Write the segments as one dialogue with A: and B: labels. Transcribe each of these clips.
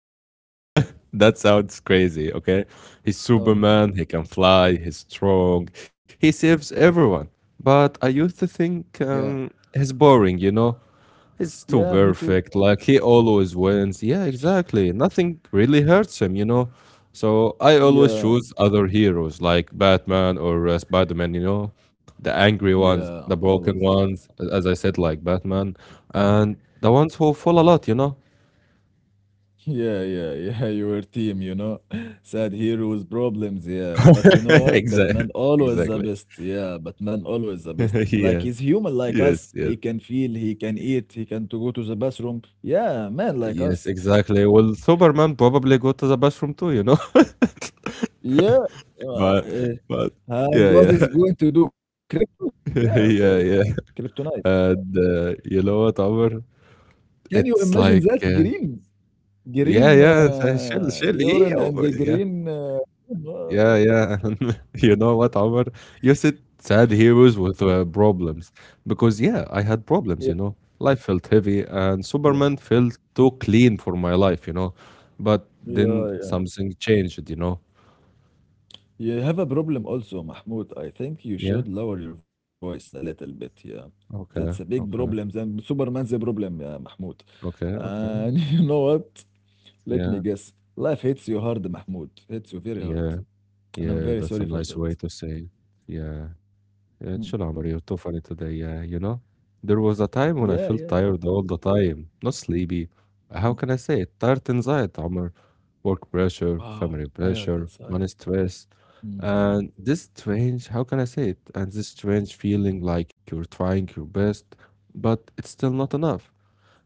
A: I know.
B: Yeah.
A: That sounds crazy, okay? He's Superman, he can
B: Oh,
A: fly, he's strong, he saves everyone. But I used to think
B: yeah.
A: he's boring, you know? He's too
B: Yeah, me too.
A: perfect, like he always wins. Yeah, exactly. Nothing really hurts him, you know? So I always
B: Yeah.
A: choose other heroes like Batman or Spider-Man, you know? The angry
B: Yeah,
A: ones, the
B: always a bit.
A: broken ones, as I
B: Yeah.
A: said, like Batman,
B: Yeah.
A: and the ones who
B: Yeah.
A: fall a lot, you know?
B: Yeah, yeah, yeah, your team, you know. Sad heroes, problems, yeah. But you know what? Batman
A: Exactly,
B: always the
A: exactly.
B: best. Yeah, Batman always the best. Like
A: Yeah.
B: he's human like us.
A: Yes, yes,
B: He can feel, he can eat, he can to go to the bathroom. Yeah, man like
A: yes,
B: us.
A: exactly. Well, Superman probably go to the bathroom too, you know?
B: Yeah. Uh,
A: But but
B: And
A: yeah,
B: what
A: yeah.
B: is going to do crypto? Yeah, okay,
A: Yeah, yeah.
B: kryptonite.
A: And, you know what, Amr?
B: Can you
A: It's
B: imagine
A: like,
B: that? Green,
A: yeah,
B: green
A: yeah, chill, chill. Yeah,
B: urine and
A: oh,
B: the
A: yeah.
B: green.
A: Yeah,
B: Uh,
A: yeah. You know what, Omar? You said sad heroes
B: yeah,
A: with problems. Because, yeah, I had
B: yeah,
A: problems, you know. Life felt heavy, and
B: yeah,
A: Superman felt too clean for my life, you know. But then
B: yeah, yeah.
A: something changed, you know.
B: You have a problem also, Mahmoud. I think you should
A: Yeah.
B: lower your voice a little bit. Yeah, that's a big
A: Okay.
B: problem.
A: Okay.
B: Then Superman's a problem, yeah, Mahmoud.
A: Okay.
B: And
A: Okay.
B: you know what? Let me
A: Yeah.
B: guess. Life hits you hard, Mahmoud. Hits you very hard,
A: Yeah.
B: and I'm
A: Yeah.
B: very
A: That's
B: sorry
A: a
B: for
A: nice
B: that.
A: way to say it. Yeah. Yeah, chill
B: Hmm.
A: عمر, you're tough on it today, yeah, you know? There was a time when
B: Yeah,
A: I
B: yeah,
A: felt
B: yeah.
A: tired all the time, not sleepy. How can I say it? Tired inside, Amr. Work pressure,
B: Wow,
A: family
B: tired
A: pressure, money
B: inside.
A: stress.
B: Mm,
A: And this strange, how can I say it? And this strange feeling like you're trying your best, but it's still not enough.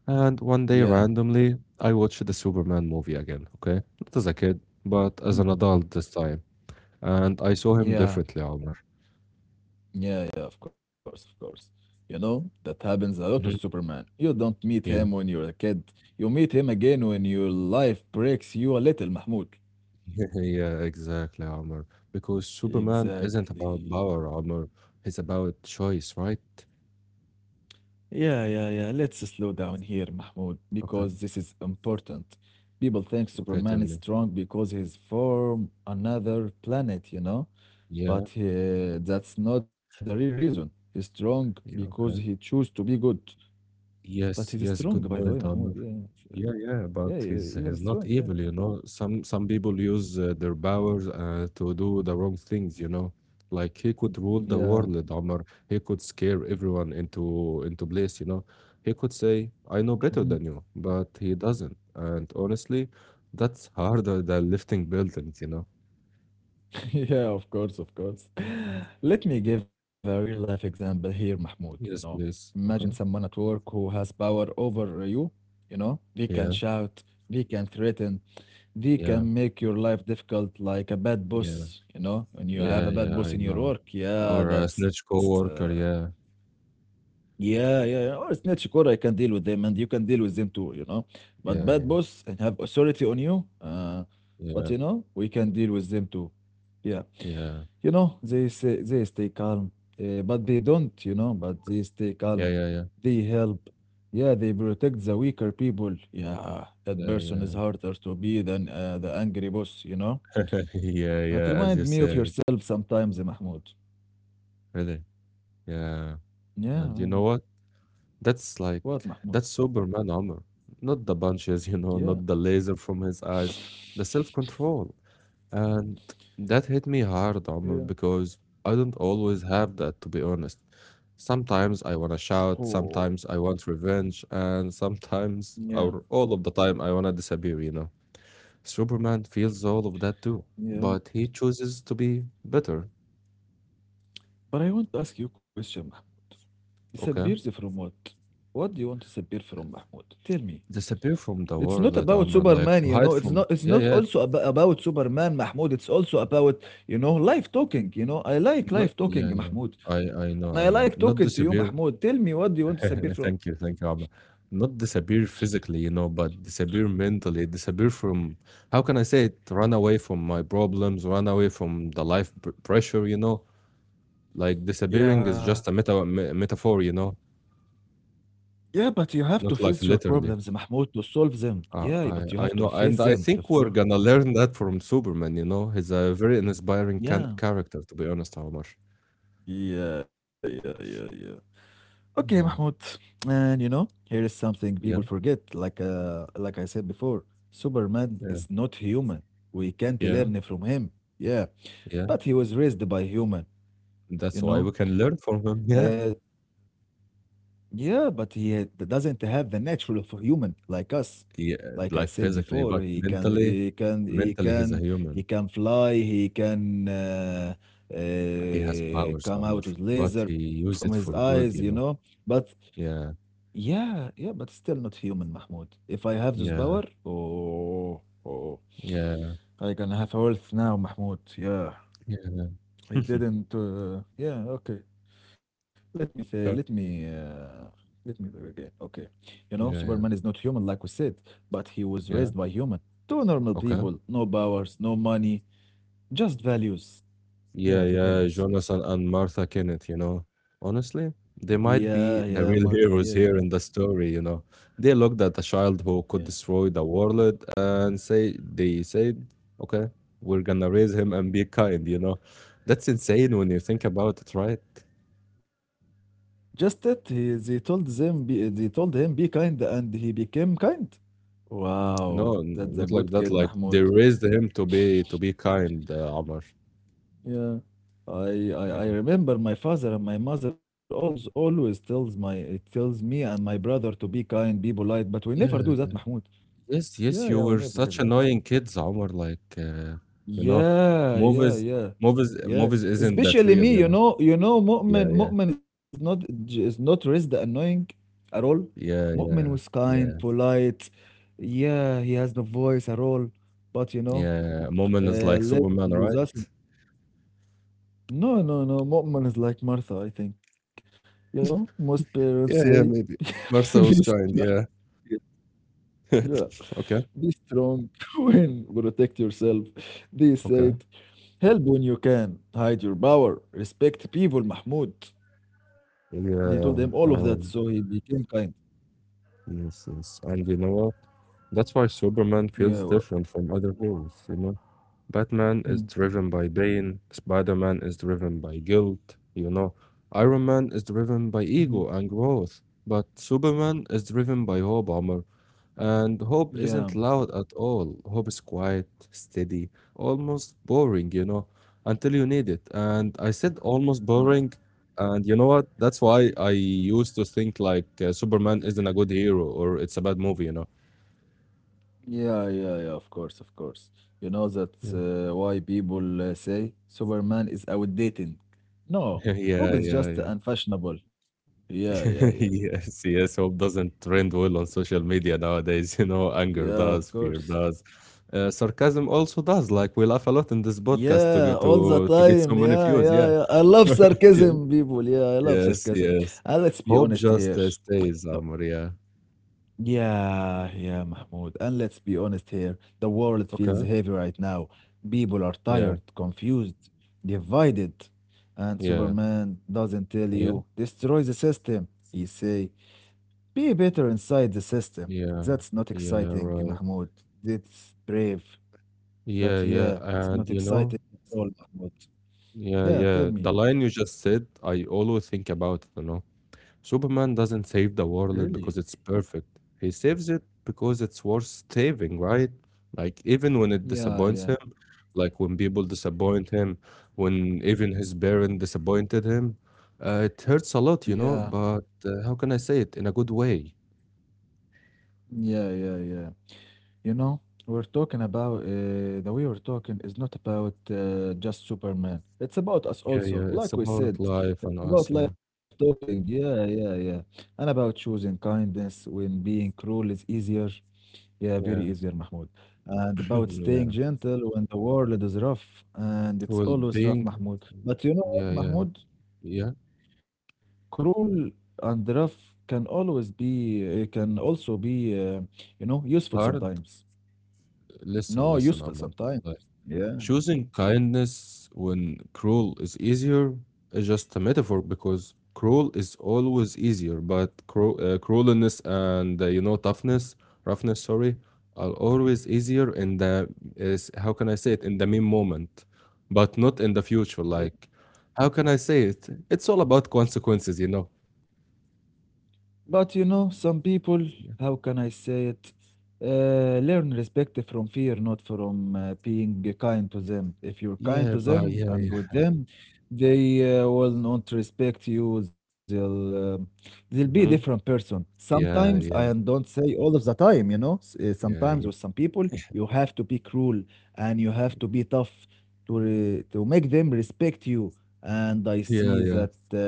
A: And one day,
B: Yeah,
A: randomly, I watched the Superman movie again, okay? Not as a kid, but as
B: hmm,
A: an adult this time. And I saw him
B: yeah,
A: differently, Amr.
B: yeah, yeah, of course, of course. You know, that happens a lot with
A: Mhm.
B: Superman. You don't meet him when you're a kid, you meet him again when your life breaks you a little, Mahmoud.
A: Yeah, exactly, Omar. Because Superman isn't about
B: Exactly.
A: power, Omar. It's about choice, right?
B: Yeah, yeah, yeah. Let's slow down here, Mahmoud,
A: Okay,
B: because this is important. People think
A: okay, tell
B: Superman is
A: me.
B: strong because he's from another planet, you know?
A: Yeah,
B: But that's not the real reason. He's strong
A: yeah,
B: because he
A: okay.
B: chose to be good. But he's
A: Yes, yes,
B: strong,
A: good
B: by the way,
A: point,
B: Mahmoud.
A: Omar.
B: Yeah,
A: Yeah, yeah,
B: yeah,
A: but
B: yeah, yeah,
A: he's
B: even
A: he's not
B: strong. Yeah,
A: evil, you know. Some people use their powers to do the wrong things, you know. Like he could rule the
B: yeah,
A: world, Omar. He could scare everyone into place, you know. He could say, "I know
B: mhm.
A: better than you," but he doesn't. And honestly, that's harder than lifting buildings, you know.
B: Yeah. Of course, of course. Let me give a real life example here, Mahmoud. You know,
A: Yes, please.
B: imagine
A: Okay.
B: someone at work who has power over you. You know, they can
A: Yeah,
B: shout, they can threaten, they
A: yeah,
B: can make your life difficult, like a bad
A: yeah,
B: boss. You know, when you have
A: yeah,
B: a bad
A: yeah.
B: boss
A: I
B: in your
A: know.
B: work, yeah,
A: Or a snitch
B: that's.
A: coworker. Yeah,
B: Yeah, yeah, yeah. Or Snitchcore, I can deal with them, and you can deal with them too, you know. But
A: yeah,
B: bad
A: yeah,
B: boss and have authority on you, but
A: yeah,
B: you know, we can deal with them too. Yeah,
A: yeah.
B: you know, they say they stay calm, but they don't, you know, but they stay
A: Yeah,
B: calm.
A: yeah, yeah,
B: They help. Yeah, they protect the weaker people. Yeah, that
A: yeah,
B: person is
A: yeah.
B: harder to be than the angry boss, you know.
A: Yeah,
B: That
A: yeah, as
B: remind
A: you
B: me of
A: said,
B: yourself sometimes, eh, Mahmoud.
A: really. Yeah.
B: Yeah,
A: And you know what? That's like
B: what, Mahmoud?
A: that's Superman armor. Not the punches, you know,
B: Yeah,
A: not the laser from his eyes, the self-control. And that hit me hard, armor,
B: yeah.
A: because I don't always have that, to be honest. Sometimes I wanna shout,
B: Oh.
A: sometimes I want revenge, and sometimes,
B: Yeah,
A: or all of the time, I wanna disappear, you know. Superman feels all of that too,
B: yeah.
A: but he chooses to be better,
B: But I want to ask you a question, Mahmoud.
A: okay?
B: Disappears from what? What do you want to disappear from, Mahmoud? Tell me.
A: Disappear from the
B: It's not
A: world,
B: about
A: Amr, like
B: Superman,
A: to
B: you
A: hide
B: know. It's
A: from
B: not. It's
A: yeah,
B: not
A: yeah,
B: also ab about Superman, Mahmoud. It's also about, you know, life talking. You know, I like
A: not
B: life talking,
A: yeah, yeah.
B: Mahmoud,
A: I I
B: and I
A: know, I know.
B: like
A: Not
B: talking to you,
A: disappear.
B: Mahmoud. Tell me, what do you want to disappear from?
A: Thank you, Amr. Not disappear physically, you know, but disappear mentally. Disappear from how can I say it? Run away from my problems. Run away from the life pr pressure, you know. Like disappearing is just a
B: Yeah,
A: metaphor, you know,
B: yeah. But you have to
A: not like
B: face your
A: literally.
B: problems, Mahmoud, to solve them.
A: Uh,
B: Yeah,
A: I
B: but you
A: I
B: have to
A: know, and
B: face
A: I
B: them. To
A: think we're
B: for.
A: gonna learn that from Superman, you know. He's a very inspiring can
B: Yeah.
A: character, to be honest, Omar.
B: Yeah, yeah, yeah, yeah. Okay, Mahmoud.
A: Yeah.
B: And you know, here is something people
A: Yeah,
B: forget. Like I said before, Superman
A: yeah,
B: is not human. We can't
A: yeah,
B: learn from him. Yeah,
A: yeah.
B: but he was raised by human.
A: That's
B: You
A: why
B: know.
A: we can learn from him.
B: Uh,
A: Yeah,
B: yeah, but he had, doesn't have the natural of a human like us.
A: yeah,
B: Like I
A: like
B: said
A: physically,
B: before,
A: but
B: he can
A: mentally,
B: he can he
A: mentally he's a
B: can
A: human.
B: he can fly. He can
A: He has powers,
B: come
A: Amr,
B: out with
A: but
B: laser
A: he
B: from his
A: used it for
B: eyes. You
A: good, you
B: know,
A: know.
B: but
A: Yeah,
B: Yeah, yeah, but still not human, Mahmoud. If I have this
A: yeah,
B: power, oh, oh,
A: yeah,
B: I can have health now, Mahmoud. Yeah,
A: yeah.
B: I didn't. Yeah, okay. Let me say,
A: Okay.
B: let me do again. Okay, you know,
A: Yeah,
B: Superman
A: yeah,
B: is not human, like we said, but he was
A: yeah.
B: raised by human. Two normal
A: Okay.
B: people, no powers, no money, just values.
A: Yeah,
B: Yeah, the
A: yeah,
B: values.
A: Jonathan and Martha Kenneth, you know. Honestly, they might
B: Yeah,
A: be
B: yeah,
A: the real
B: Martha. Yeah,
A: heroes here in the story, you know. They looked at a child who could
B: yeah.
A: destroy the world and say they said, okay, we're gonna raise him and be kind, you know. That's insane when you think about it, right?
B: Just that he, they told them, be, they told him, be kind, and he became kind. Wow,
A: No,
B: that's a
A: not like
B: good
A: that.
B: kid,
A: Like they
B: Mahmoud.
A: raised him to be kind, Amr.
B: Yeah. I
A: Yeah.
B: remember my father and my mother always tells my it tells me and my brother to be kind, be polite, but we never
A: Yeah,
B: do that, Mahmoud.
A: yes,
B: Yeah,
A: yes, you
B: yeah, we
A: were
B: never hear
A: such
B: that.
A: annoying kids, Omar. Like, you know,
B: Yeah, yeah,
A: movies,
B: yeah.
A: movies,
B: Yeah.
A: movies isn't that
B: Especially
A: real,
B: me,
A: you know?
B: you know,
A: Yeah, yeah,
B: Mu'min is not is not raised annoying at all.
A: yeah,
B: Mu'min was
A: yeah,
B: kind,
A: yeah,
B: polite. Yeah, he has no voice at all. But you know,
A: yeah. Moment is
B: uh,
A: like
B: living
A: Superman, right?
B: with us No, no, no. Mu'min is like Martha, I think. You know, most parents say,
A: Yeah, yeah, maybe.
B: be
A: Martha was
B: strong.
A: kind, yeah.
B: Yeah.
A: Okay,
B: Be strong when protect yourself. They
A: okay.
B: said, help when you can, hide your power, respect people, Mahmoud. They told him all
A: Yeah,
B: of that, so he
A: um,
B: became kind.
A: yes, yes. And you know what? That's why Superman feels
B: Yeah. Well,
A: different from other heroes, you know? Batman is
B: mm,
A: driven by pain, Spider-Man is driven by guilt, you know. Iron Man is driven by
B: mhm.
A: ego and growth, but Superman is driven by hope, Omar. And hope
B: Yeah.
A: isn't loud at all. Hope is quiet, steady, almost boring, you know, until you need it. And I said almost
B: Yeah.
A: boring, and you know what? That's why I used to think like Superman isn't a good hero or it's a bad movie, you know.
B: Yeah, yeah, yeah, of course, of course. You know that's
A: Yeah,
B: why people say Superman is outdated. No, hope
A: yeah,
B: is
A: yeah,
B: just
A: yeah.
B: unfashionable. Yeah, yeah, yeah.
A: Yes, yes, hope doesn't trend well on social media nowadays. You know, anger
B: Yeah, of
A: does, fear
B: course.
A: does, sarcasm also does. Like we laugh a lot in this podcast to
B: Yeah,
A: get
B: all the
A: to to get so
B: time.
A: many
B: Yeah,
A: views.
B: yeah,
A: Yeah,
B: yeah. I love
A: yeah,
B: sarcasm, people. Yeah, I love
A: yes,
B: sarcasm.
A: yes.
B: And let's be
A: Hope
B: honest here.
A: just stays,
B: The
A: Amr. Yeah.
B: Yeah, yeah, Mahmoud. And let's be honest here, the world feels
A: Okay.
B: heavy right now. People are
A: Yeah.
B: tired, confused, divided. And
A: Yeah.
B: Superman doesn't tell
A: Yeah.
B: you, destroy the system. He say, be better inside the system.
A: Yeah.
B: That's not
A: Yeah.
B: exciting,
A: Right.
B: Mahmoud. That's brave.
A: Yeah.
B: But
A: Yeah.
B: yeah, it's
A: And you
B: not
A: know.
B: exciting at all, Mahmoud.
A: Yeah.
B: Yeah,
A: Yeah.
B: tell
A: The
B: me.
A: line you just said, I always think about it. You know. Superman doesn't save the
B: Really?
A: world because it's perfect. He saves it because it's worth saving, right? Like even when it
B: Yeah,
A: disappoints
B: yeah.
A: him, like when people disappoint him, when even his parent disappointed him, it hurts a lot, you
B: Yeah,
A: know. But how can I say it in a good way?
B: yeah, yeah, yeah. You know, we're talking about the way we're talking is not about just Superman. It's about us
A: Yeah,
B: also,
A: yeah. It's
B: like we
A: about
B: said.
A: life and
B: It's
A: us. Yeah,
B: about life talking. Yeah, yeah, yeah. And about choosing kindness when being cruel is easier. Yeah,
A: yeah,
B: very easier, Mahmoud. And about
A: yeah.
B: staying gentle when the world is rough. And it's
A: Well,
B: always rough,
A: being,
B: Mahmoud. But you know what,
A: yeah, yeah,
B: Mahmoud?
A: yeah.
B: Cruel and rough can also you know, useful
A: Hard.
B: sometimes.
A: Listen,
B: No,
A: listen,
B: useful
A: Ahmad.
B: sometimes. Yeah.
A: Choosing kindness when cruel is easier is just a metaphor because cruel is always easier, but cruelness and toughness, roughness, sorry, are always easier in the is how can I say it, in the mean moment, but not in the future.
B: Yeah.
A: Like, how can I say it? It's all about consequences, you know.
B: But you know, some people, how can I say it? Learn respect from fear, not from being kind to them. If you're kind
A: Yeah,
B: to
A: but
B: them
A: yeah,
B: and with
A: yeah,
B: them, they will not respect you. They'll be a different
A: hmm,
B: person. Sometimes I
A: yeah, yeah,
B: don't say all of the time, you know.
A: yeah,
B: Sometimes
A: yeah.
B: with some people, you have to be cruel and you have to be tough to make them respect you. And I
A: Yeah,
B: see
A: yeah.
B: that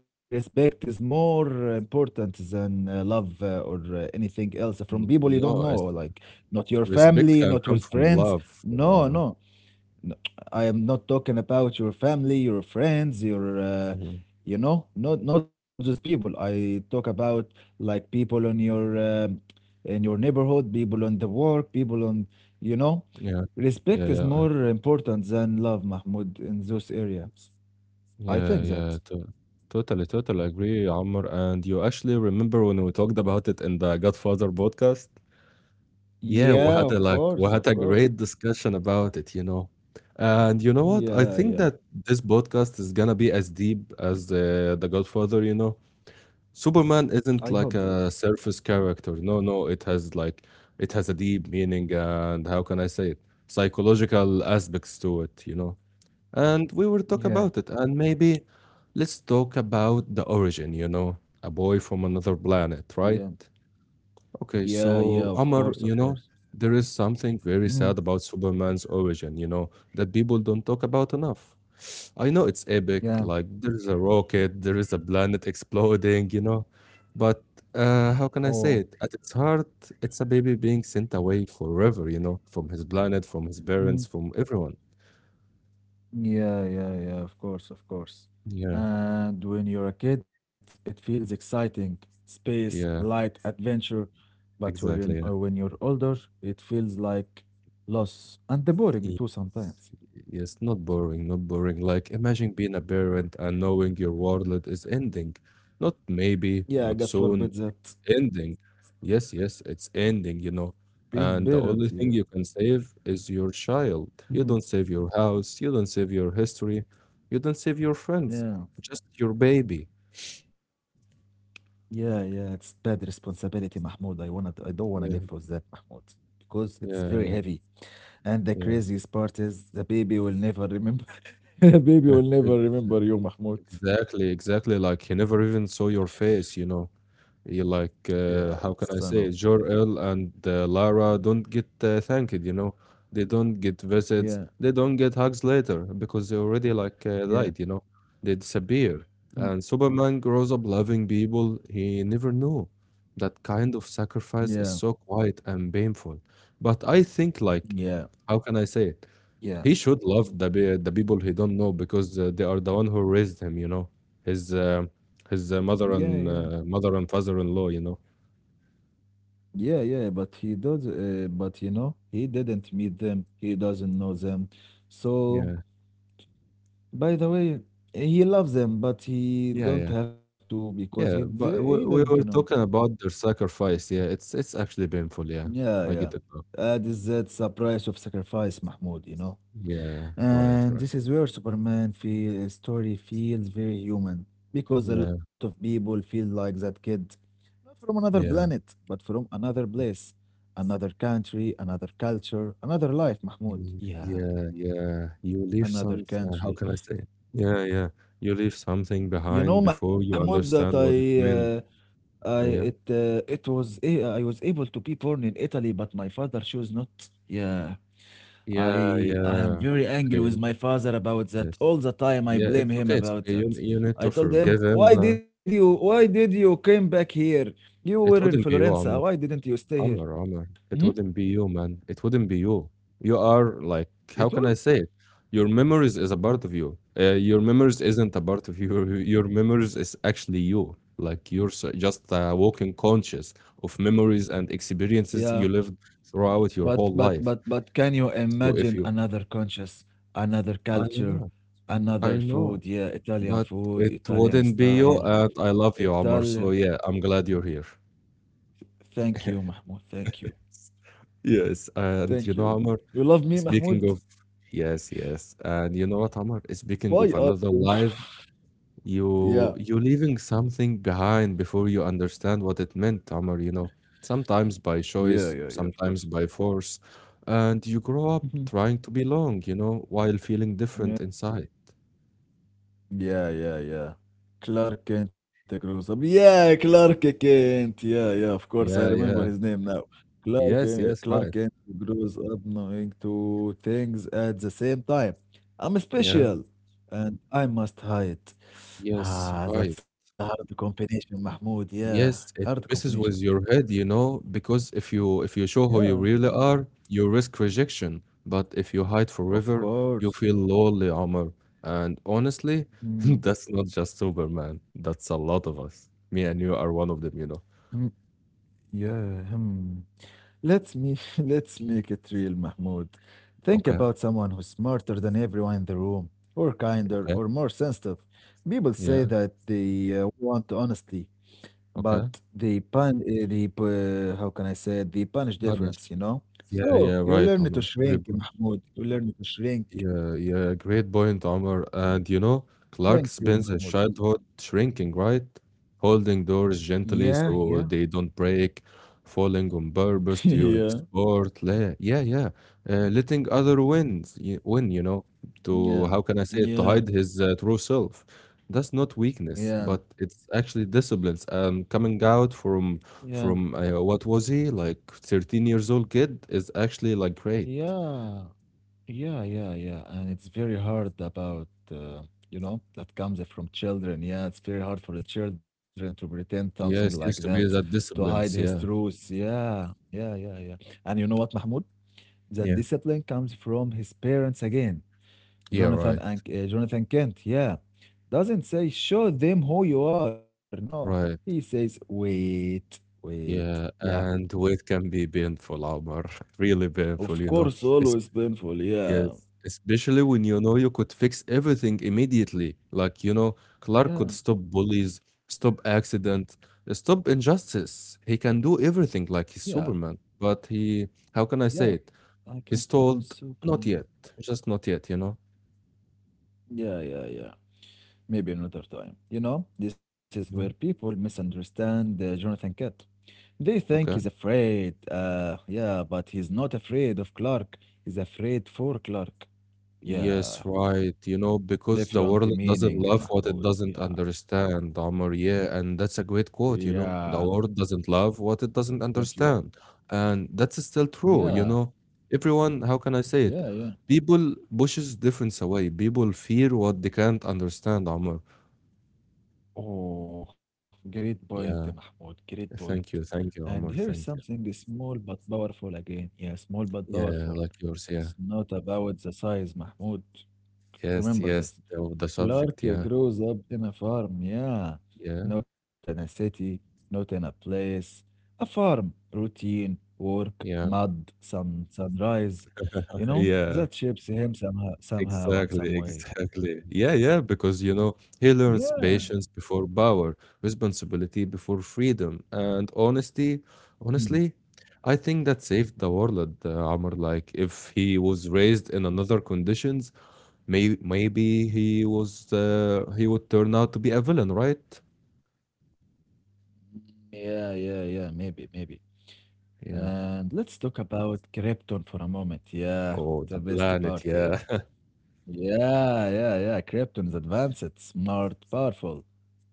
B: respect is more important than love or anything else from people you don't
A: No,
B: know, like not your
A: respect
B: family,
A: can
B: not
A: come
B: with
A: from
B: friends.
A: love,
B: No,
A: Amr.
B: no, no. I am not talking about your family, your friends,
A: Mhm.
B: you know, not those people. I talk about like people on your in your neighborhood, people on the work, people on, you know.
A: Yeah. Yeah,
B: Respect is
A: yeah, I
B: more important than love, Mahmoud, in those areas. I
A: yeah,
B: think
A: yeah,
B: that.
A: to totally, totally agree, Amr. And you actually remember when we talked about it in the Godfather podcast? Yeah, we
B: Yeah,
A: had a
B: of
A: like we
B: course,
A: had
B: of
A: a
B: course.
A: great discussion about it, you know. And you know what? I
B: Yeah,
A: think
B: yeah.
A: that this podcast is gonna be as deep as the Godfather, you know. Superman
B: I hope
A: isn't
B: that.
A: like a surface character. No, no, it has a deep meaning and how can I say it? Psychological aspects to it, you know. And we will talk
B: Yeah.
A: about it, and maybe let's talk about the origin, you know. A boy from another planet,
B: Yeah,
A: right? Okay,
B: yeah, yeah,
A: so
B: of course,
A: Amar,
B: of
A: you know,
B: course.
A: there is something very
B: Mm.
A: sad about Superman's origin, you know, that people don't talk about enough. I know it's epic,
B: Yeah.
A: like there's a rocket, there is a planet exploding, you know. But how can I
B: Oh,
A: say it? At its heart, it's a baby being sent away forever, you know, from his planet, from his
B: mm.
A: parents, from everyone.
B: Yeah, yeah, yeah, of course, of course.
A: Yeah,
B: And when you're a kid, it feels exciting, space,
A: yeah.
B: light, adventure. But
A: Exactly. Yeah.
B: when you're older, it feels like loss and boring
A: Y-
B: too sometimes.
A: Yes, not boring, not boring. Like imagine being a parent and knowing your world is ending. Not maybe,
B: Yeah,
A: not
B: God
A: soon,
B: forbid that
A: ending. Yes, yes, it's ending, you know.
B: being
A: And the only
B: parent,
A: thing
B: yeah.
A: you can save is your child. You
B: Mhm.
A: don't save your house, you don't save your history, you don't save your friends,
B: Yeah.
A: just your baby.
B: Yeah, yeah, it's bad responsibility, Mahmoud. I wanna, I don't wanna live
A: Yeah,
B: for that, Mahmoud, because it's
A: yeah,
B: very
A: yeah,
B: heavy. And the
A: yeah.
B: craziest part is the baby will never remember. The baby will
A: Ex-
B: never remember you, Mahmoud.
A: Exactly, exactly. Like he never even saw your face, you know. You like,
B: Yeah,
A: how can I
B: son of.
A: say, Jor-El and Lara don't get thanked, you know? They don't get visits.
B: Yeah,
A: They don't get hugs later because they already like
B: yeah,
A: died, you know? They disappear.
B: mm,
A: And Superman grows up loving people he never knew. That kind of sacrifice is
B: yeah,
A: so quiet and painful. But I think like,
B: yeah,
A: how can I say it?
B: yeah,
A: He should love the the people he don't know because they are the one who raised him. You know, his uh, his mother
B: yeah,
A: and mother and father-in-law. You know.
B: yeah, yeah, yeah. But he does. But you know, he didn't meet them. He doesn't know them. So,
A: Yeah.
B: by the way, he loves them, but he
A: Yeah.
B: don't
A: Yeah.
B: have to because he
A: Yeah.
B: he
A: But we,
B: didn't
A: we
B: know
A: were
B: them.
A: talking about their sacrifice. Yeah. It's actually painful. Yeah.
B: Yeah,
A: I
B: yeah.
A: get it. Bro.
B: That is that the price of sacrifice, Mahmoud, you know.
A: Yeah. Right.
B: And
A: Right.
B: this is where story feels very human because a lot of
A: Yeah.
B: people feel like that kid, not from another planet,
A: Yeah.
B: but from another place, another country, another culture, another life, Mahmoud.
A: Mm.
B: Yeah,
A: Yeah. Yeah. You leave
B: another
A: something. How
B: country.
A: can I say it? Yeah. Yeah. You leave something
B: You know,
A: behind before
B: Mahmoud,
A: you
B: that
A: understand what it meant.
B: I it
A: Yeah.
B: it was I was able to be born in Italy, but my father chose not. Yeah.
A: Yeah,
B: I am
A: yeah.
B: very angry
A: Yeah,
B: with my father about that.
A: yes.
B: All the time I
A: Yeah,
B: blame
A: it's
B: him
A: okay, it's okay.
B: about
A: You
B: that.
A: you need to
B: I told
A: forgive
B: him,
A: him, but
B: Why did you came back here? You
A: it
B: were in
A: wouldn't be you,
B: Florence.
A: Amr.
B: Why didn't you stay
A: Amr,
B: here?"
A: Amr. It wouldn't
B: Hmm?
A: be you, man. It wouldn't be you. You are like, how can I
B: It
A: say
B: would.
A: it? Your memories is a part of you. Your memories isn't a part of you. Your memories is actually you. Like just a walking conscious of memories and experiences
B: Yeah,
A: you lived throughout your whole life.
B: but can you
A: So if
B: imagine
A: you,
B: another conscious, another
A: I
B: culture,
A: know, I
B: another
A: know.
B: food? Yeah, Italian
A: But
B: food,
A: it
B: Italian
A: wouldn't be you,
B: style.
A: and I love you, Omar. So
B: Italian.
A: yeah, I'm glad you're here.
B: Thank you, Mahmoud. Thank you.
A: Yes, and you
B: Thank
A: know,
B: you.
A: Omar,
B: You love me,
A: speaking
B: Mahmoud?
A: of yes, yes, and you know what, Omar, speaking
B: Why
A: of
B: are
A: another
B: you?
A: life, you
B: Yeah.
A: you leaving something behind before you understand what it meant, Omar, you know, sometimes by
B: Yeah, yeah,
A: choice,
B: yeah, of course.
A: sometimes by force, and you grow up
B: Mhm.
A: trying to belong, you know, while feeling different
B: Yeah,
A: inside.
B: yeah, yeah, yeah. Clark Kent grows up. Yeah, Clark Kent. Yeah, yeah, of course. I
A: Yeah, yeah,
B: remember his name now.
A: yes, yes, right.
B: Clark Kent grows up knowing two things at the same time. I'm
A: Yeah,
B: special and I must hide.
A: yes,
B: Ah,
A: right.
B: that's a hard combination, Mahmoud. Yeah,
A: Yes,
B: hard
A: it
B: combination.
A: messes with your head, you know, because if you
B: Yeah, I
A: show who you really
B: understand.
A: are, you risk rejection. But if you hide
B: Of
A: forever, you
B: course.
A: feel lonely, Omar. And honestly,
B: Mm,
A: that's not just Superman. That's a lot of us. Me and you are one of them, you know.
B: hmm, Yeah, hmm. Let's me let's make it real, Mahmoud. Think
A: Okay,
B: about someone who's smarter than everyone in the room, or kinder,
A: okay,
B: or more sensitive. People say
A: yeah,
B: that they want honesty,
A: okay.
B: but they pun they pu- how can I say it? They punish
A: Manish.
B: difference, you know.
A: Yeah,
B: So
A: yeah,
B: you
A: right,
B: learn to
A: Omar.
B: shrink, Mahmoud. You learn to shrink.
A: Great point, Omar. And you know, Clark
B: Thank you,
A: spends his
B: Mahmoud.
A: childhood shrinking, right? Holding doors
B: Yeah,
A: gently
B: yeah,
A: so they don't break, falling on purpose
B: yeah,
A: during Yeah, yeah. Letting win, you know, to
B: yeah,
A: how can I say it, to
B: yeah,
A: hide his true self. That's not weakness,
B: yeah,
A: but it's actually disciplines and coming out from
B: yeah,
A: from uh, what was he like 13 years old kid is actually like great.
B: yeah. Yeah, yeah, yeah. And it's very hard about, you know, that comes from children. Yeah, it's very hard for the children to pretend something like
A: Yes,
B: that,
A: used to be that
B: to hide his
A: disciplines. Yeah,
B: truth. Yeah, yeah, yeah, yeah. And you know what, Mahmoud? The
A: yeah,
B: discipline comes from his parents again.
A: yeah. Right,
B: Jonathan Kent, yeah. Doesn't say, show them who you are. No, he
A: right.
B: says, wait, wait.
A: Yeah,
B: Yeah,
A: and weight can be painful, Omar. Really painful,
B: of
A: you know.
B: course,
A: It's,
B: always painful,
A: yes,
B: yeah.
A: especially when you know you could fix everything immediately. Like you know, Clark
B: Yeah,
A: could stop bullies, stop accident, stop injustice. He can do everything like he's
B: yeah,
A: Superman. But he, how can I
B: yeah.
A: say it?
B: I can
A: He's
B: be your
A: told, not
B: Superman.
A: yet, just not yet. You know.
B: Yeah, yeah, yeah. Maybe another time. You know, this is where
A: Mhm.
B: people misunderstand Jonathan Kent. They think he's
A: Okay.
B: afraid. Yeah, but he's not afraid of Clark. He's afraid for Clark.
A: Yes,
B: Yeah,
A: right. You know, because the
B: different
A: world doesn't
B: meaning,
A: love what it
B: Mahmoud.
A: doesn't
B: Yeah,
A: understand, Omar. Yeah, and that's a great quote, you
B: yeah.
A: know. The world doesn't love what it doesn't
B: Thank you.
A: understand. And that's still true,
B: Yeah,
A: you know. Everyone, how can I say
B: yeah,
A: it?
B: yeah.
A: People pushes difference away. People fear what they can't understand, Omar.
B: Oh, great point,
A: Yeah.
B: Mahmoud. Great point.
A: Thank you. Thank
B: And
A: you,
B: here is
A: Omar. Thank you.
B: something small but powerful again. Yeah, small but
A: Yeah,
B: powerful.
A: like yours, yeah.
B: It's not about the size, Mahmoud.
A: Yes,
B: Remember
A: yes.
B: this.
A: The
B: Clark
A: subject, yeah.
B: grows up in a farm, yeah.
A: Yeah.
B: Not in a city, not in a place. A farm, routine, work,
A: Yeah.
B: mud, sun, sunrise. You know,
A: Yeah.
B: that shapes him somehow, somehow and some
A: Exactly,
B: way.
A: exactly. Yeah, yeah, because you know, he learns
B: Yeah.
A: patience before power, responsibility before freedom, and honesty.
B: Hmm.
A: Honestly, I think that saved the world, Amr. Like, if he was raised in another conditions, maybe he would turn out to be a villain, right?
B: Yeah, yeah, yeah, maybe, maybe.
A: Yeah.
B: And let's talk about Krypton for a moment. Yeah,
A: Oh,
B: the
A: the
B: best
A: planet,
B: part.
A: yeah.
B: Yeah, yeah, yeah. Krypton is advanced, it's smart, powerful,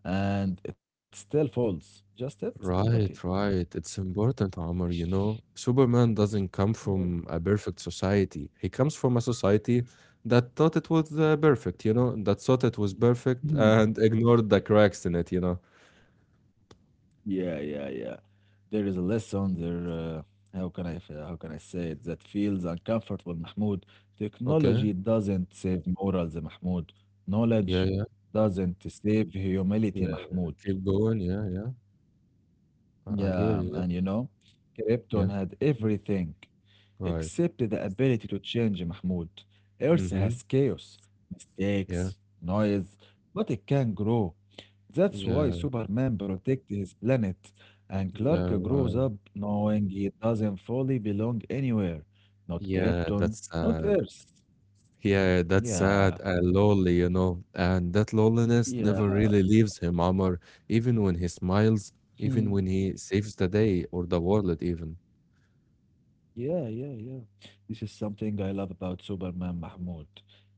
B: and it still falls. Just it? Okay.
A: Right, right. It's important, Amr, you know. Superman doesn't come
B: Yeah.
A: from a perfect society. He comes from a society that thought it was perfect, you know, that thought it was perfect
B: Mhm.
A: and ignored the cracks in it, you know.
B: Yeah, yeah, yeah. There is a lesson there. How can I say it? That feels uncomfortable, Mahmoud.
A: Okay.
B: Technology doesn't save morals, Mahmoud.
A: Yeah,
B: Knowledge
A: yeah,
B: doesn't save humility,
A: yeah.
B: Mahmoud.
A: Keep going. Yeah, yeah. I hear
B: Yeah,
A: you. Yeah,
B: and you know,
A: yeah.
B: Krypton had everything
A: Right.
B: except the ability to change, Mahmoud. Earth
A: Mm-hmm.
B: has chaos,
A: Yeah.
B: mistakes, noise, but it can grow. That's why
A: Yeah.
B: Superman protects his planet, and Clark
A: Yeah,
B: grows
A: right.
B: up knowing he doesn't fully belong anywhere. Not
A: Yeah,
B: Krypton,
A: that's
B: not
A: uh
B: Earth.
A: Yeah, that's
B: Yeah,
A: sad and lonely, you know. And that loneliness
B: yeah.
A: never really leaves him, Amr, even when he smiles, even when he saves the day or the world, even.
B: Yeah, yeah, yeah. This is something I love about Superman, Mahmoud.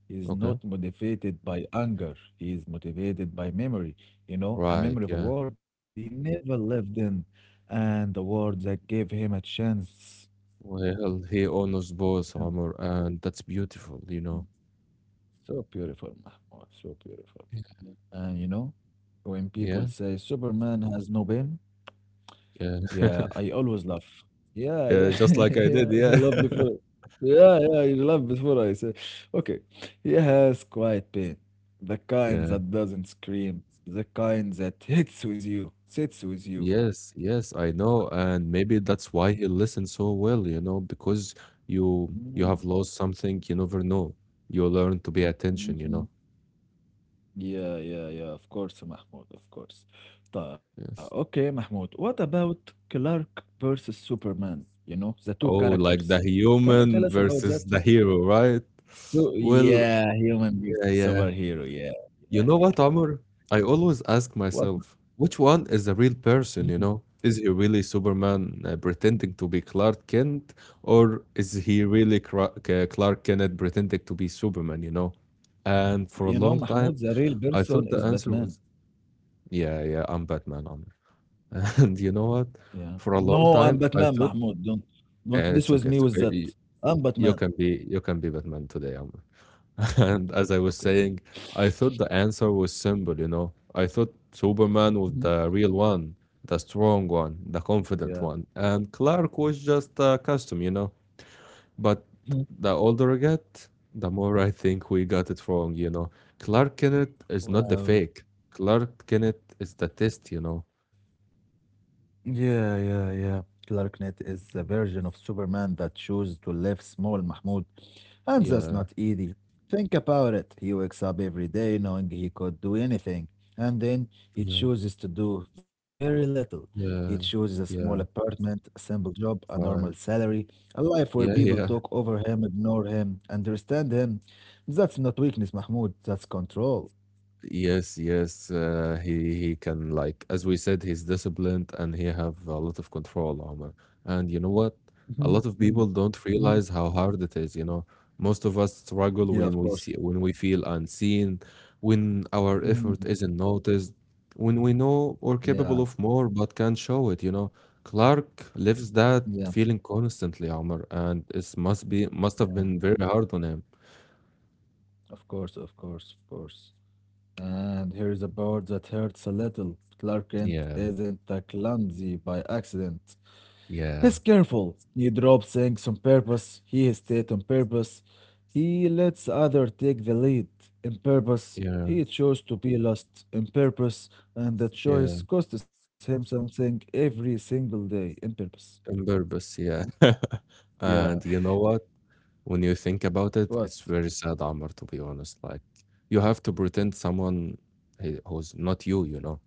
B: He's
A: Okay.
B: not motivated by anger. He is motivated by memory. You know, a
A: Right,
B: memory of a
A: yeah.
B: world he never lived in, and the world that gave him a chance.
A: Well, he honors both, Amr, and that's beautiful, you know.
B: So beautiful, Mahmoud. So beautiful.
A: Yeah,
B: And you know, when people
A: yeah,
B: say Superman has no pain,
A: yeah,
B: yeah, I always laugh. Yeah,
A: Yeah,
B: yeah,
A: just like I did,
B: yeah. You
A: yeah.
B: laugh before. Yeah, yeah. You laugh before I say. Okay. He has quiet pain, the kind
A: Yeah.
B: that doesn't scream, the kind that hits with you, sits with you.
A: Yes, yes, I know. And maybe that's why he listens so well, you know, because you
B: Mm-hmm.
A: have lost something, you never know. You learn to pay attention, you know.
B: Yeah, yeah, yeah. Of course, Mahmoud. Of course. Okay,
A: Yes.
B: Mahmoud. What about Clark versus Superman? You know, the two
A: Oh,
B: characters.
A: like the
B: Can you tell
A: human
B: us about
A: versus
B: that?
A: the hero, right?
B: So
A: Well,
B: yeah, human versus
A: yeah.
B: superhero. Yeah,
A: You
B: yeah,
A: know
B: yeah,
A: what,
B: yeah.
A: Amr? I always ask
B: What?
A: myself, which one is the real
B: Mhm.
A: person, you know? Is he really Superman pretending to be Clark Kent, or is he really Clark Kent pretending to be Superman, you know? And for a
B: You know,
A: long time,
B: Mahmoud, the real
A: I
B: person
A: thought the
B: is
A: answer
B: Batman.
A: was, yeah, yeah, I'm Batman, Amr. And you know what?
B: Yeah.
A: For a
B: No,
A: long
B: I'm
A: time,
B: Batman,
A: I thought,
B: Mahmoud. Don't mess
A: yeah,
B: with
A: it's
B: me
A: okay, it's
B: with that.
A: okay.
B: I'm Batman.
A: You can be Batman today, Amr. And as I was
B: Okay.
A: saying, I thought the answer was simple, you know. I thought Superman was
B: Mhm.
A: the real one, the strong one, the
B: Yeah.
A: confident one, and Clark was just a costume, you know. But
B: Mhm.
A: the older I get, the more I think we got it wrong, you know. Clark Kent is not the
B: Wow.
A: fake. Clark Kent is the test, you know.
B: Yeah, yeah, yeah. Clark Kent is the version of Superman that chose to live small, Mahmoud. And that's
A: Yeah,
B: not easy. Think about it. He wakes up every day knowing he could do anything, and then he
A: yeah,
B: chooses to do very little. He
A: yeah,
B: chooses a small
A: yeah,
B: apartment, a simple job, a normal
A: right.
B: salary, a life where
A: Yeah,
B: people
A: yeah.
B: talk over him, ignore him, understand him. That's not weakness, Mahmoud. That's control.
A: Yes, yes. He can, like as we said, he's disciplined and he have a lot of control, Omar. And you know what?
B: Mhm,
A: A lot
B: mm,
A: of people don't
B: mm.
A: realize how hard it is, you know. Most of us struggle
B: Yeah, of course.
A: when we feel unseen, when our
B: Mm.
A: effort isn't noticed, when we know we're capable
B: Yeah,
A: of more but can't show it, you know. Clark lives
B: yeah,
A: that feeling constantly, Omar, and it must have been very hard on him.
B: of course, of course, of course. And here is a bird that hurts a little. Clark Kent
A: Yeah,
B: isn't a clumsy by accident.
A: yeah,
B: He's careful. He drops things on purpose. He hesitates on purpose. He lets other take the lead. In purpose,
A: yeah,
B: he chose to be lost. In purpose, and the choice
A: yeah.
B: costs him something every single day. In purpose.
A: On purpose, yeah.
B: Yeah.
A: And you know what? When you think about it,
B: What?
A: it's very sad, Amr, to be honest. Like, you have to pretend someone who's not you, you know?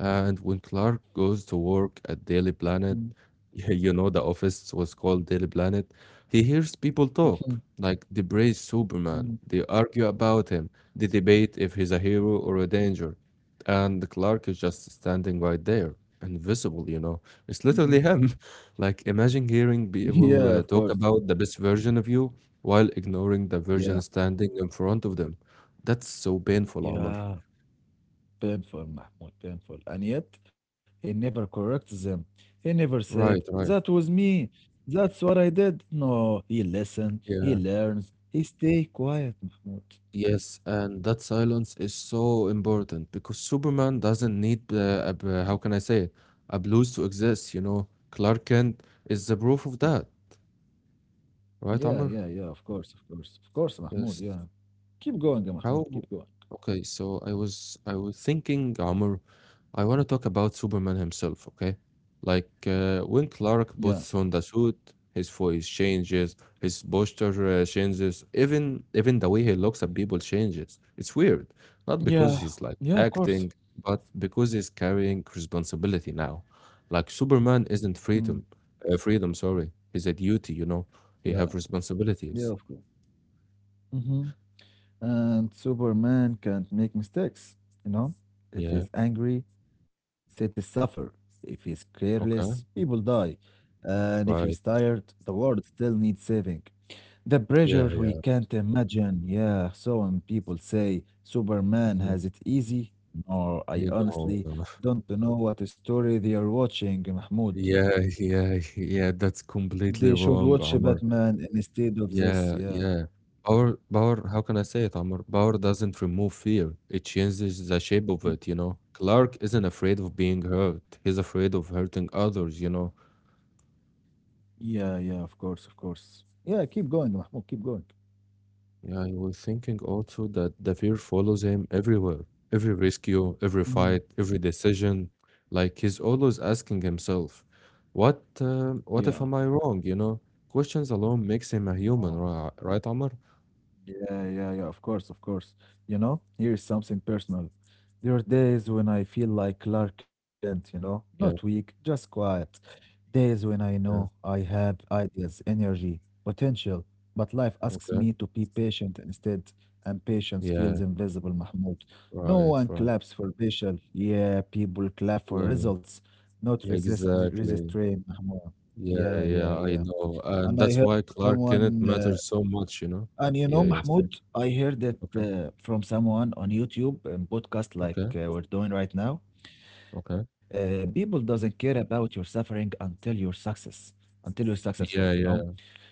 A: And when Clark goes to work at Daily
B: Mm,
A: Planet, you know, the office was called Daily Planet, he hears people talk,
B: mhm,
A: like they praise Superman,
B: mhm,
A: they argue about him, they debate if he's a hero or a danger. And Clark is just standing right there, invisible, you know. It's
B: mhm.
A: literally him. Like, imagine hearing
B: Yeah,
A: people
B: of course.
A: talk about the best version of you while ignoring the
B: Yeah.
A: version standing in front of them. That's so painful, Omar.
B: Yeah. Painful, Mahmoud, painful. And yet, he never corrects them. He never said,
A: Right,
B: that
A: right.
B: was me. That's what I did. No, he listens, he
A: Yeah.
B: learns, he stay quiet, Mahmoud.
A: Yes, and that silence is so important because Superman doesn't need, how can I say it, a blues to exist, you know. Clark Kent is the proof of that, right,
B: Yeah,
A: Amr?
B: yeah, yeah, of course, of course, of course, Mahmoud,
A: Yes.
B: yeah. Keep going,
A: How?
B: Mahmoud, keep going.
A: Okay, so I was thinking, Amr, I want to talk about Superman himself, okay? Like when
B: Yeah,
A: Clark puts on the suit, his voice changes, his posture changes, even the way he looks at people changes. It's weird, not
B: yeah,
A: because he's like
B: yeah, of course.
A: acting, but because he's carrying responsibility now. Like Superman isn't
B: Mm.
A: freedom, sorry. He's a duty, you know.
B: Yeah,
A: He have
B: yeah,
A: responsibilities.
B: of course. Mm-hmm. And Superman can't make mistakes, you know? If
A: Yeah,
B: he's angry, cities suffer. If he's careless,
A: okay,
B: people die. And if he's
A: right.
B: tired, the world still needs saving. The
A: Yeah,
B: pressure we
A: yeah.
B: can't imagine. Yeah, so when people say Superman
A: Mm-hmm.
B: has it easy, no, I
A: You know,
B: honestly
A: no.
B: don't know what story they are watching, Mahmoud.
A: Yeah, yeah, yeah, that's completely
B: They should
A: wrong,
B: watch
A: Omar.
B: Batman instead of this,
A: Yeah,
B: yeah.
A: yeah. Power, how can I say it, Omar? Power doesn't remove fear. It changes the shape of it, you know. Clark isn't afraid of being hurt. He's afraid of hurting others, you know.
B: Yeah, yeah, of course, of course. Yeah, keep going, Mahmoud, keep going.
A: Yeah, I was thinking also that the fear follows him everywhere, every rescue, every
B: Mm.
A: fight, every decision. Like he's always asking himself, "What? Uh,
B: Yeah.
A: what if am I wrong?" You know, questions alone makes him a
B: Wow.
A: human, right? Right, Omar?
B: Yeah, yeah, yeah, of course, of course. You know, here is something personal. There are days when I feel like Clark Kent, you know, not
A: Yeah.
B: weak, just quiet. Days when I know
A: Yeah.
B: I have ideas, energy, potential, but life asks
A: Okay.
B: me to be patient instead, and patience feels
A: Yeah.
B: invisible, Mahmoud. No
A: Right.
B: one
A: Right.
B: claps for patience. Yeah, people clap for
A: Yeah.
B: results, not resist
A: Exactly.
B: restraint, Mahmoud.
A: Yeah.
B: Yeah, yeah,
A: Yeah. I
B: yeah.
A: know, and
B: And I
A: that's
B: heard
A: why Clark Kent
B: someone, uh,
A: matters so much. You know.
B: and you know,
A: Yeah. Yes, yes.
B: Mahmoud, I heard it
A: Okay.
B: from someone on YouTube and podcast like
A: Okay.
B: we're doing right now.
A: Okay.
B: People doesn't care about your suffering until until you're successful, you
A: Yeah.
B: know.
A: Yeah.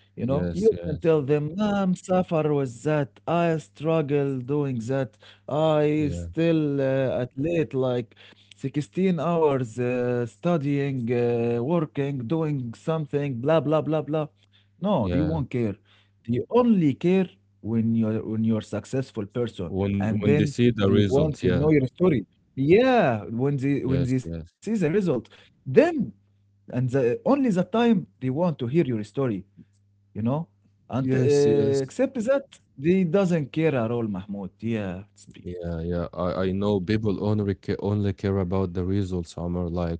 B: You know, you
A: Yes.
B: can
A: Yes.
B: tell them, I'm suffer with that. I struggle doing that. I
A: Yeah.
B: still at late like 16 hours studying, working, doing something, blah, blah, blah, blah. No, they
A: Yeah.
B: won't care. They only care when you're successful person,
A: When
B: and
A: they
B: then
A: see the
B: they want
A: result,
B: to
A: yeah.
B: know your story. Yeah, when
A: Yes,
B: they see the
A: yes.
B: result, then and only the time they want to hear your story, you know, and
A: Yes, yes.
B: except that they doesn't care at all, Mahmoud. Yeah, speak.
A: Yeah, yeah. I know people only care about the results, Omar. Like,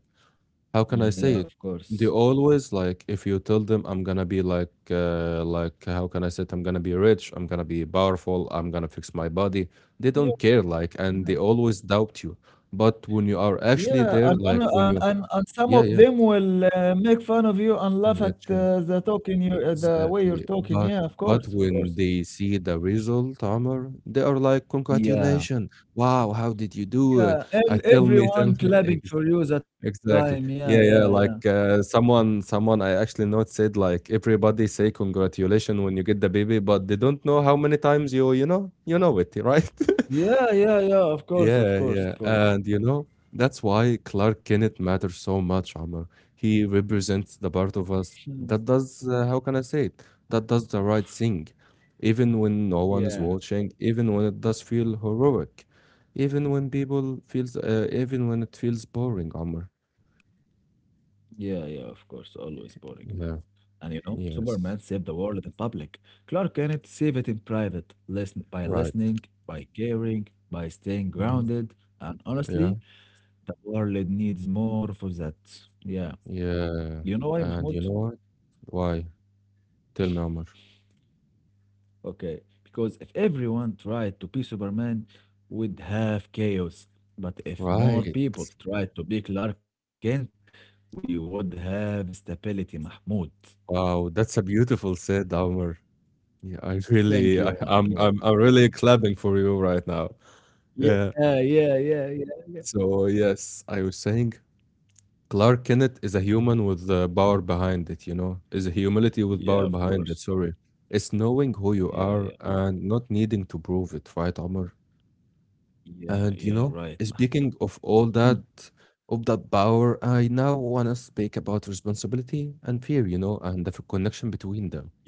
A: how
B: Yeah,
A: can I
B: of
A: say it?
B: course.
A: They always like if you tell them I'm gonna be like how can I say it? I'm gonna be rich, I'm gonna be powerful, I'm gonna fix my body. They
B: Yeah,
A: don't care, like, and
B: yeah,
A: they always doubt you. But when you are actually
B: yeah,
A: there,
B: and one
A: like
B: o-
A: when you
B: and some
A: yeah,
B: of
A: yeah,
B: them will make fun of you and laugh
A: yeah,
B: at
A: chill.
B: the way you're
A: Exactly.
B: talking. Yeah, of
A: But
B: course, of
A: when
B: course.
A: they see the result, Omar, they are like,
B: Yeah.
A: "Congratulations. Wow, how did you do it?"
B: Yeah,
A: I
B: and
A: tell me them
B: everyone clapping
A: ex
B: for you that time.
A: exactly.
B: Yeah, yeah,
A: Yeah,
B: yeah.
A: yeah, like, someone I actually not said, like, everybody say congratulations when you get the baby, but they don't know how many times you know it, right?
B: Yeah, yeah, yeah, of course, of
A: Yeah,
B: course, of
A: yeah.
B: course.
A: And you know, that's why Clark Kent matters so much, Omar. He represents the part of us
B: Hmm.
A: that does, how can I say it? That does the right thing, even when no one is
B: Yeah.
A: watching, even when it does feel heroic, even when it feels boring, Omar.
B: Yeah, yeah, of course. Always boring.
A: Yeah,
B: And you know, Superman
A: yes,
B: saved the world in public. Clark Kent saved it in private, listen, by
A: right.
B: listening, by caring, by staying
A: hmm
B: grounded. And
A: Yeah,
B: honestly, the world needs more for that. Yeah.
A: yeah.
B: You know why,
A: And you
B: Mahmoud?
A: know what? Why? Tell me, Omar.
B: Okay. Because if everyone tried to be Superman, we'd have chaos. But if more
A: Right.
B: people tried to be Clark Kent, we would have stability, Mahmoud.
A: Wow, that's a beautiful said, Omar. Yeah, I
B: Thank
A: really,
B: you, Mahmoud.
A: I'm really clapping for you right now.
B: Yeah,
A: Yeah.
B: yeah, yeah, yeah, yeah.
A: So yes, I was saying Clark Kent is a human with the power behind it. You know, is a humility with
B: Yeah,
A: power
B: of
A: behind it.
B: course.
A: Sorry, it's knowing who you
B: Yeah, yeah,
A: are and not needing to prove it, right, Omar?
B: yeah,
A: And you
B: yeah,
A: know,
B: right, Mahmoud.
A: speaking of all that,
B: Mhm.
A: of that power, I now wanna speak about responsibility and fear. You know, and the connection between them.
B: Yeah,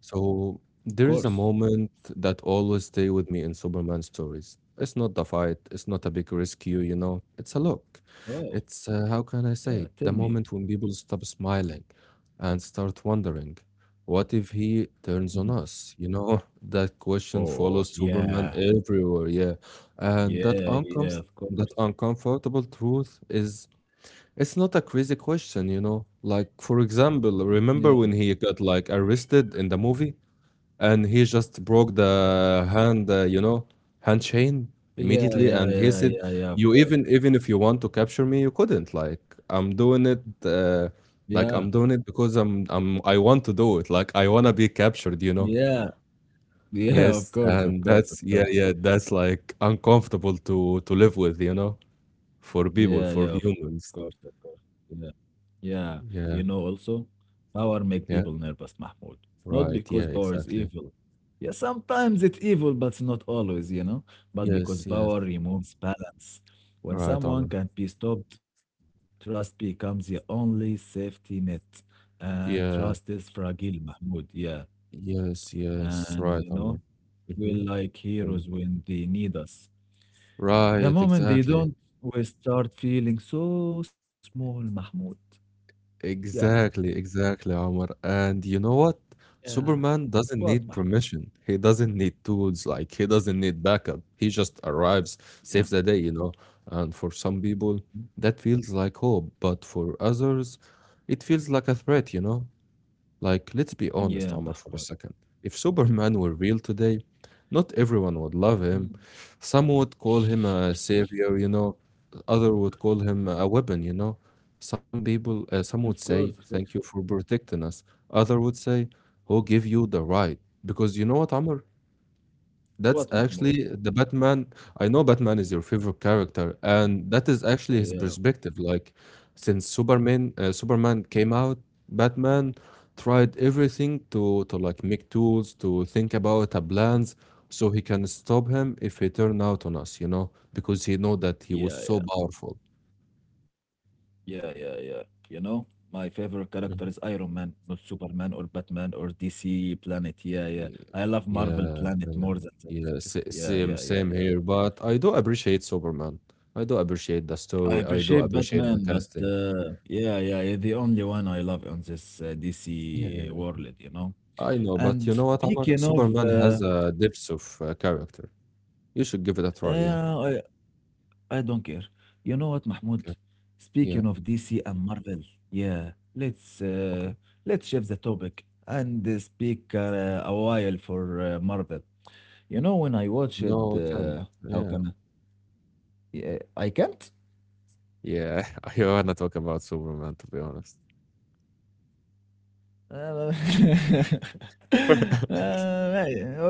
A: So
B: of
A: there
B: course.
A: is a moment that always stay with me in Superman stories. It's not the fight, it's not a big rescue, you know. It's a look.
B: Wow.
A: It's how can
B: Yeah,
A: I
B: tell
A: say it?
B: me.
A: The moment when people stop smiling and start wondering, what if he
B: Mhm.
A: turns on us? You know, that question
B: Oh,
A: follows
B: yeah,
A: Superman everywhere, yeah.
B: yeah,
A: And
B: yeah, of course.
A: that uncomfortable truth is it's not a crazy question, you know. Like for example,
B: Yeah,
A: remember when he got like arrested in the movie? And he just broke the hand, you know, hand chain
B: yeah,
A: immediately.
B: yeah,
A: And he
B: yeah,
A: said,
B: yeah, yeah, of
A: "You
B: course.
A: even if you want to capture me, you couldn't. Like I'm doing it,
B: Yeah,
A: like I'm doing it because I want to do it. Like I wanna be captured, you know."
B: yeah, yeah, of
A: Yes,
B: course, of
A: and
B: course, of
A: that's
B: course.
A: that's like uncomfortable to live with, you know, for people,
B: Yeah, yeah,
A: for
B: of course, of
A: humans.
B: course. Yeah. Yeah. You know,
A: Yeah,
B: also, power make people
A: yeah,
B: nervous, Mahmoud. Not
A: right,
B: because
A: yeah,
B: power is
A: exactly.
B: evil. Yeah, sometimes it's evil, but not always, you know. But because
A: Yes, yes,
B: power removes balance. When
A: right,
B: someone
A: Omar.
B: can be stopped, trust becomes the only safety net. And trust
A: Yeah.
B: is fragile, Mahmoud. Yeah.
A: Yes, yes,
B: And
A: right,
B: you know,
A: Omar.
B: we're
A: Hmm.
B: like heroes when they need us. The
A: Right,
B: moment they
A: exactly.
B: don't, we start feeling so small, Mahmoud. Yeah.
A: Exactly, exactly, Omar. And you know what?
B: Yeah.
A: Superman doesn't
B: What,
A: need
B: Mahmoud?
A: permission. He doesn't need tools. Like, he doesn't need backup. He just arrives,
B: Yeah.
A: saves the day, you know? And for some people,
B: Mhm.
A: that feels like hope. But for others, it feels like a threat, you know? Like, let's be
B: Yeah,
A: honest, Omar, for
B: Mahmoud.
A: a second. If Superman were real today, not everyone would love him.
B: Mm.
A: Some would call him a savior, you know. Other would call him a weapon, you know.
B: Of
A: Some would
B: course, of
A: say,
B: course.
A: "Thank you for protecting us." Other would say, "Who give you the right?" Because you know what, Omar? That's
B: What, Mahmoud?
A: actually the Batman. I know Batman is your favorite character, and that is
B: Oh,
A: actually his
B: yeah.
A: perspective. Like, since Superman came out, Batman tried everything to like make tools to think about a plans so he can stop him if he turn out on us. You know, because he know that he was
B: Yeah,
A: so
B: yeah.
A: powerful.
B: Yeah, yeah, yeah. You know, my favorite character is
A: Mhm.
B: Iron Man, not Superman or Batman or DC Planet. Yeah, yeah.
A: Yeah,
B: I love Marvel
A: yeah,
B: Planet
A: fعلا.
B: more than that. Yeah,
A: Same,
B: yeah, yeah,
A: same
B: yeah.
A: here. But I do appreciate Superman. I do appreciate the
B: I
A: story. I do
B: appreciate
A: appreciate the
B: Batman, but
A: casting.
B: yeah, yeah, yeah, the only one I love on this DC
A: Yeah,
B: world, you know?
A: I know, but you
B: And
A: know what, Amar?
B: speaking of,
A: Superman has a depth of character. You should give it a try. Yeah.
B: uh, I, I don't care. You know what, Mahmoud?
A: Okay. Yeah.
B: Speaking of DC and Marvel, yeah,
A: Okay.
B: let's shift the topic and speak a while for Marvel. You know, when I watched,
A: No, I can.
B: how
A: Yeah.
B: can I? Yeah, I can't.
A: Yeah. I wanna talk about Superman to be honest.
B: Uh, uh,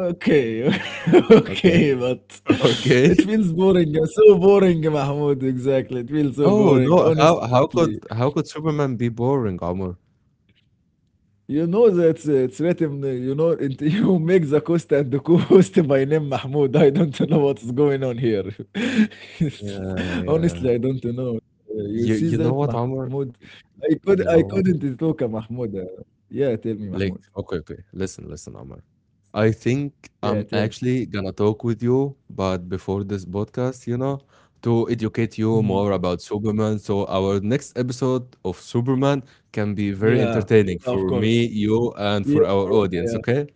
B: okay,
A: Okay.
B: okay, but
A: Okay.
B: it feels boring. So boring, Mahmoud. Exactly, it feels so
A: No,
B: boring.
A: no. How
B: Honestly.
A: how could how could Superman be boring, Amar?
B: You know that it's written, you know, it, you make the coast and the coast by name Mahmoud. I don't know what's going on here.
A: Yeah, yeah.
B: Honestly, I don't know. You
A: You
B: see
A: you know
B: that,
A: what, Amar?
B: Mahmoud?
A: Y- You know
B: I
A: what?
B: couldn't talk Mahmoud. Yeah, tell me,
A: Like,
B: Mahmoud.
A: okay, okay. Listen, listen, Amar. I think I'm
B: Yeah, tell me.
A: actually gonna talk with you, but before this podcast, you know, to educate you more
B: Mhm.
A: about Superman. So our next episode of Superman can be very
B: Yeah, yeah,
A: entertaining
B: of
A: for
B: course.
A: me, you,
B: Yeah,
A: and for our
B: yeah,
A: audience, okay?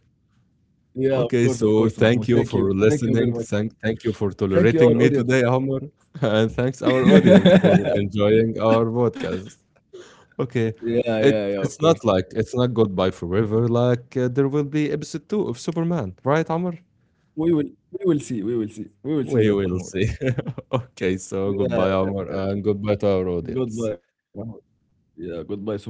B: yeah,
A: Okay,
B: of
A: so
B: course, Mahmoud.
A: thank you
B: Thank
A: for
B: you. Thank you very
A: listening.
B: much.
A: Thank you for
B: Thank you,
A: tolerating
B: our
A: me today,
B: audience.
A: Amar. And thanks our audience for enjoying our podcast. Okay.
B: Yeah, yeah, yeah,
A: It
B: of course.
A: it's not like it's not goodbye forever, like, there will be episode 2 of Superman, right, Amr?
B: We will see. We will see. We will see
A: We
B: that,
A: will
B: Mahmoud.
A: see. Okay, so
B: Yeah,
A: goodbye, Amr, and goodbye to our audience.
B: goodbye, Mahmoud. Yeah, goodbye, Superman.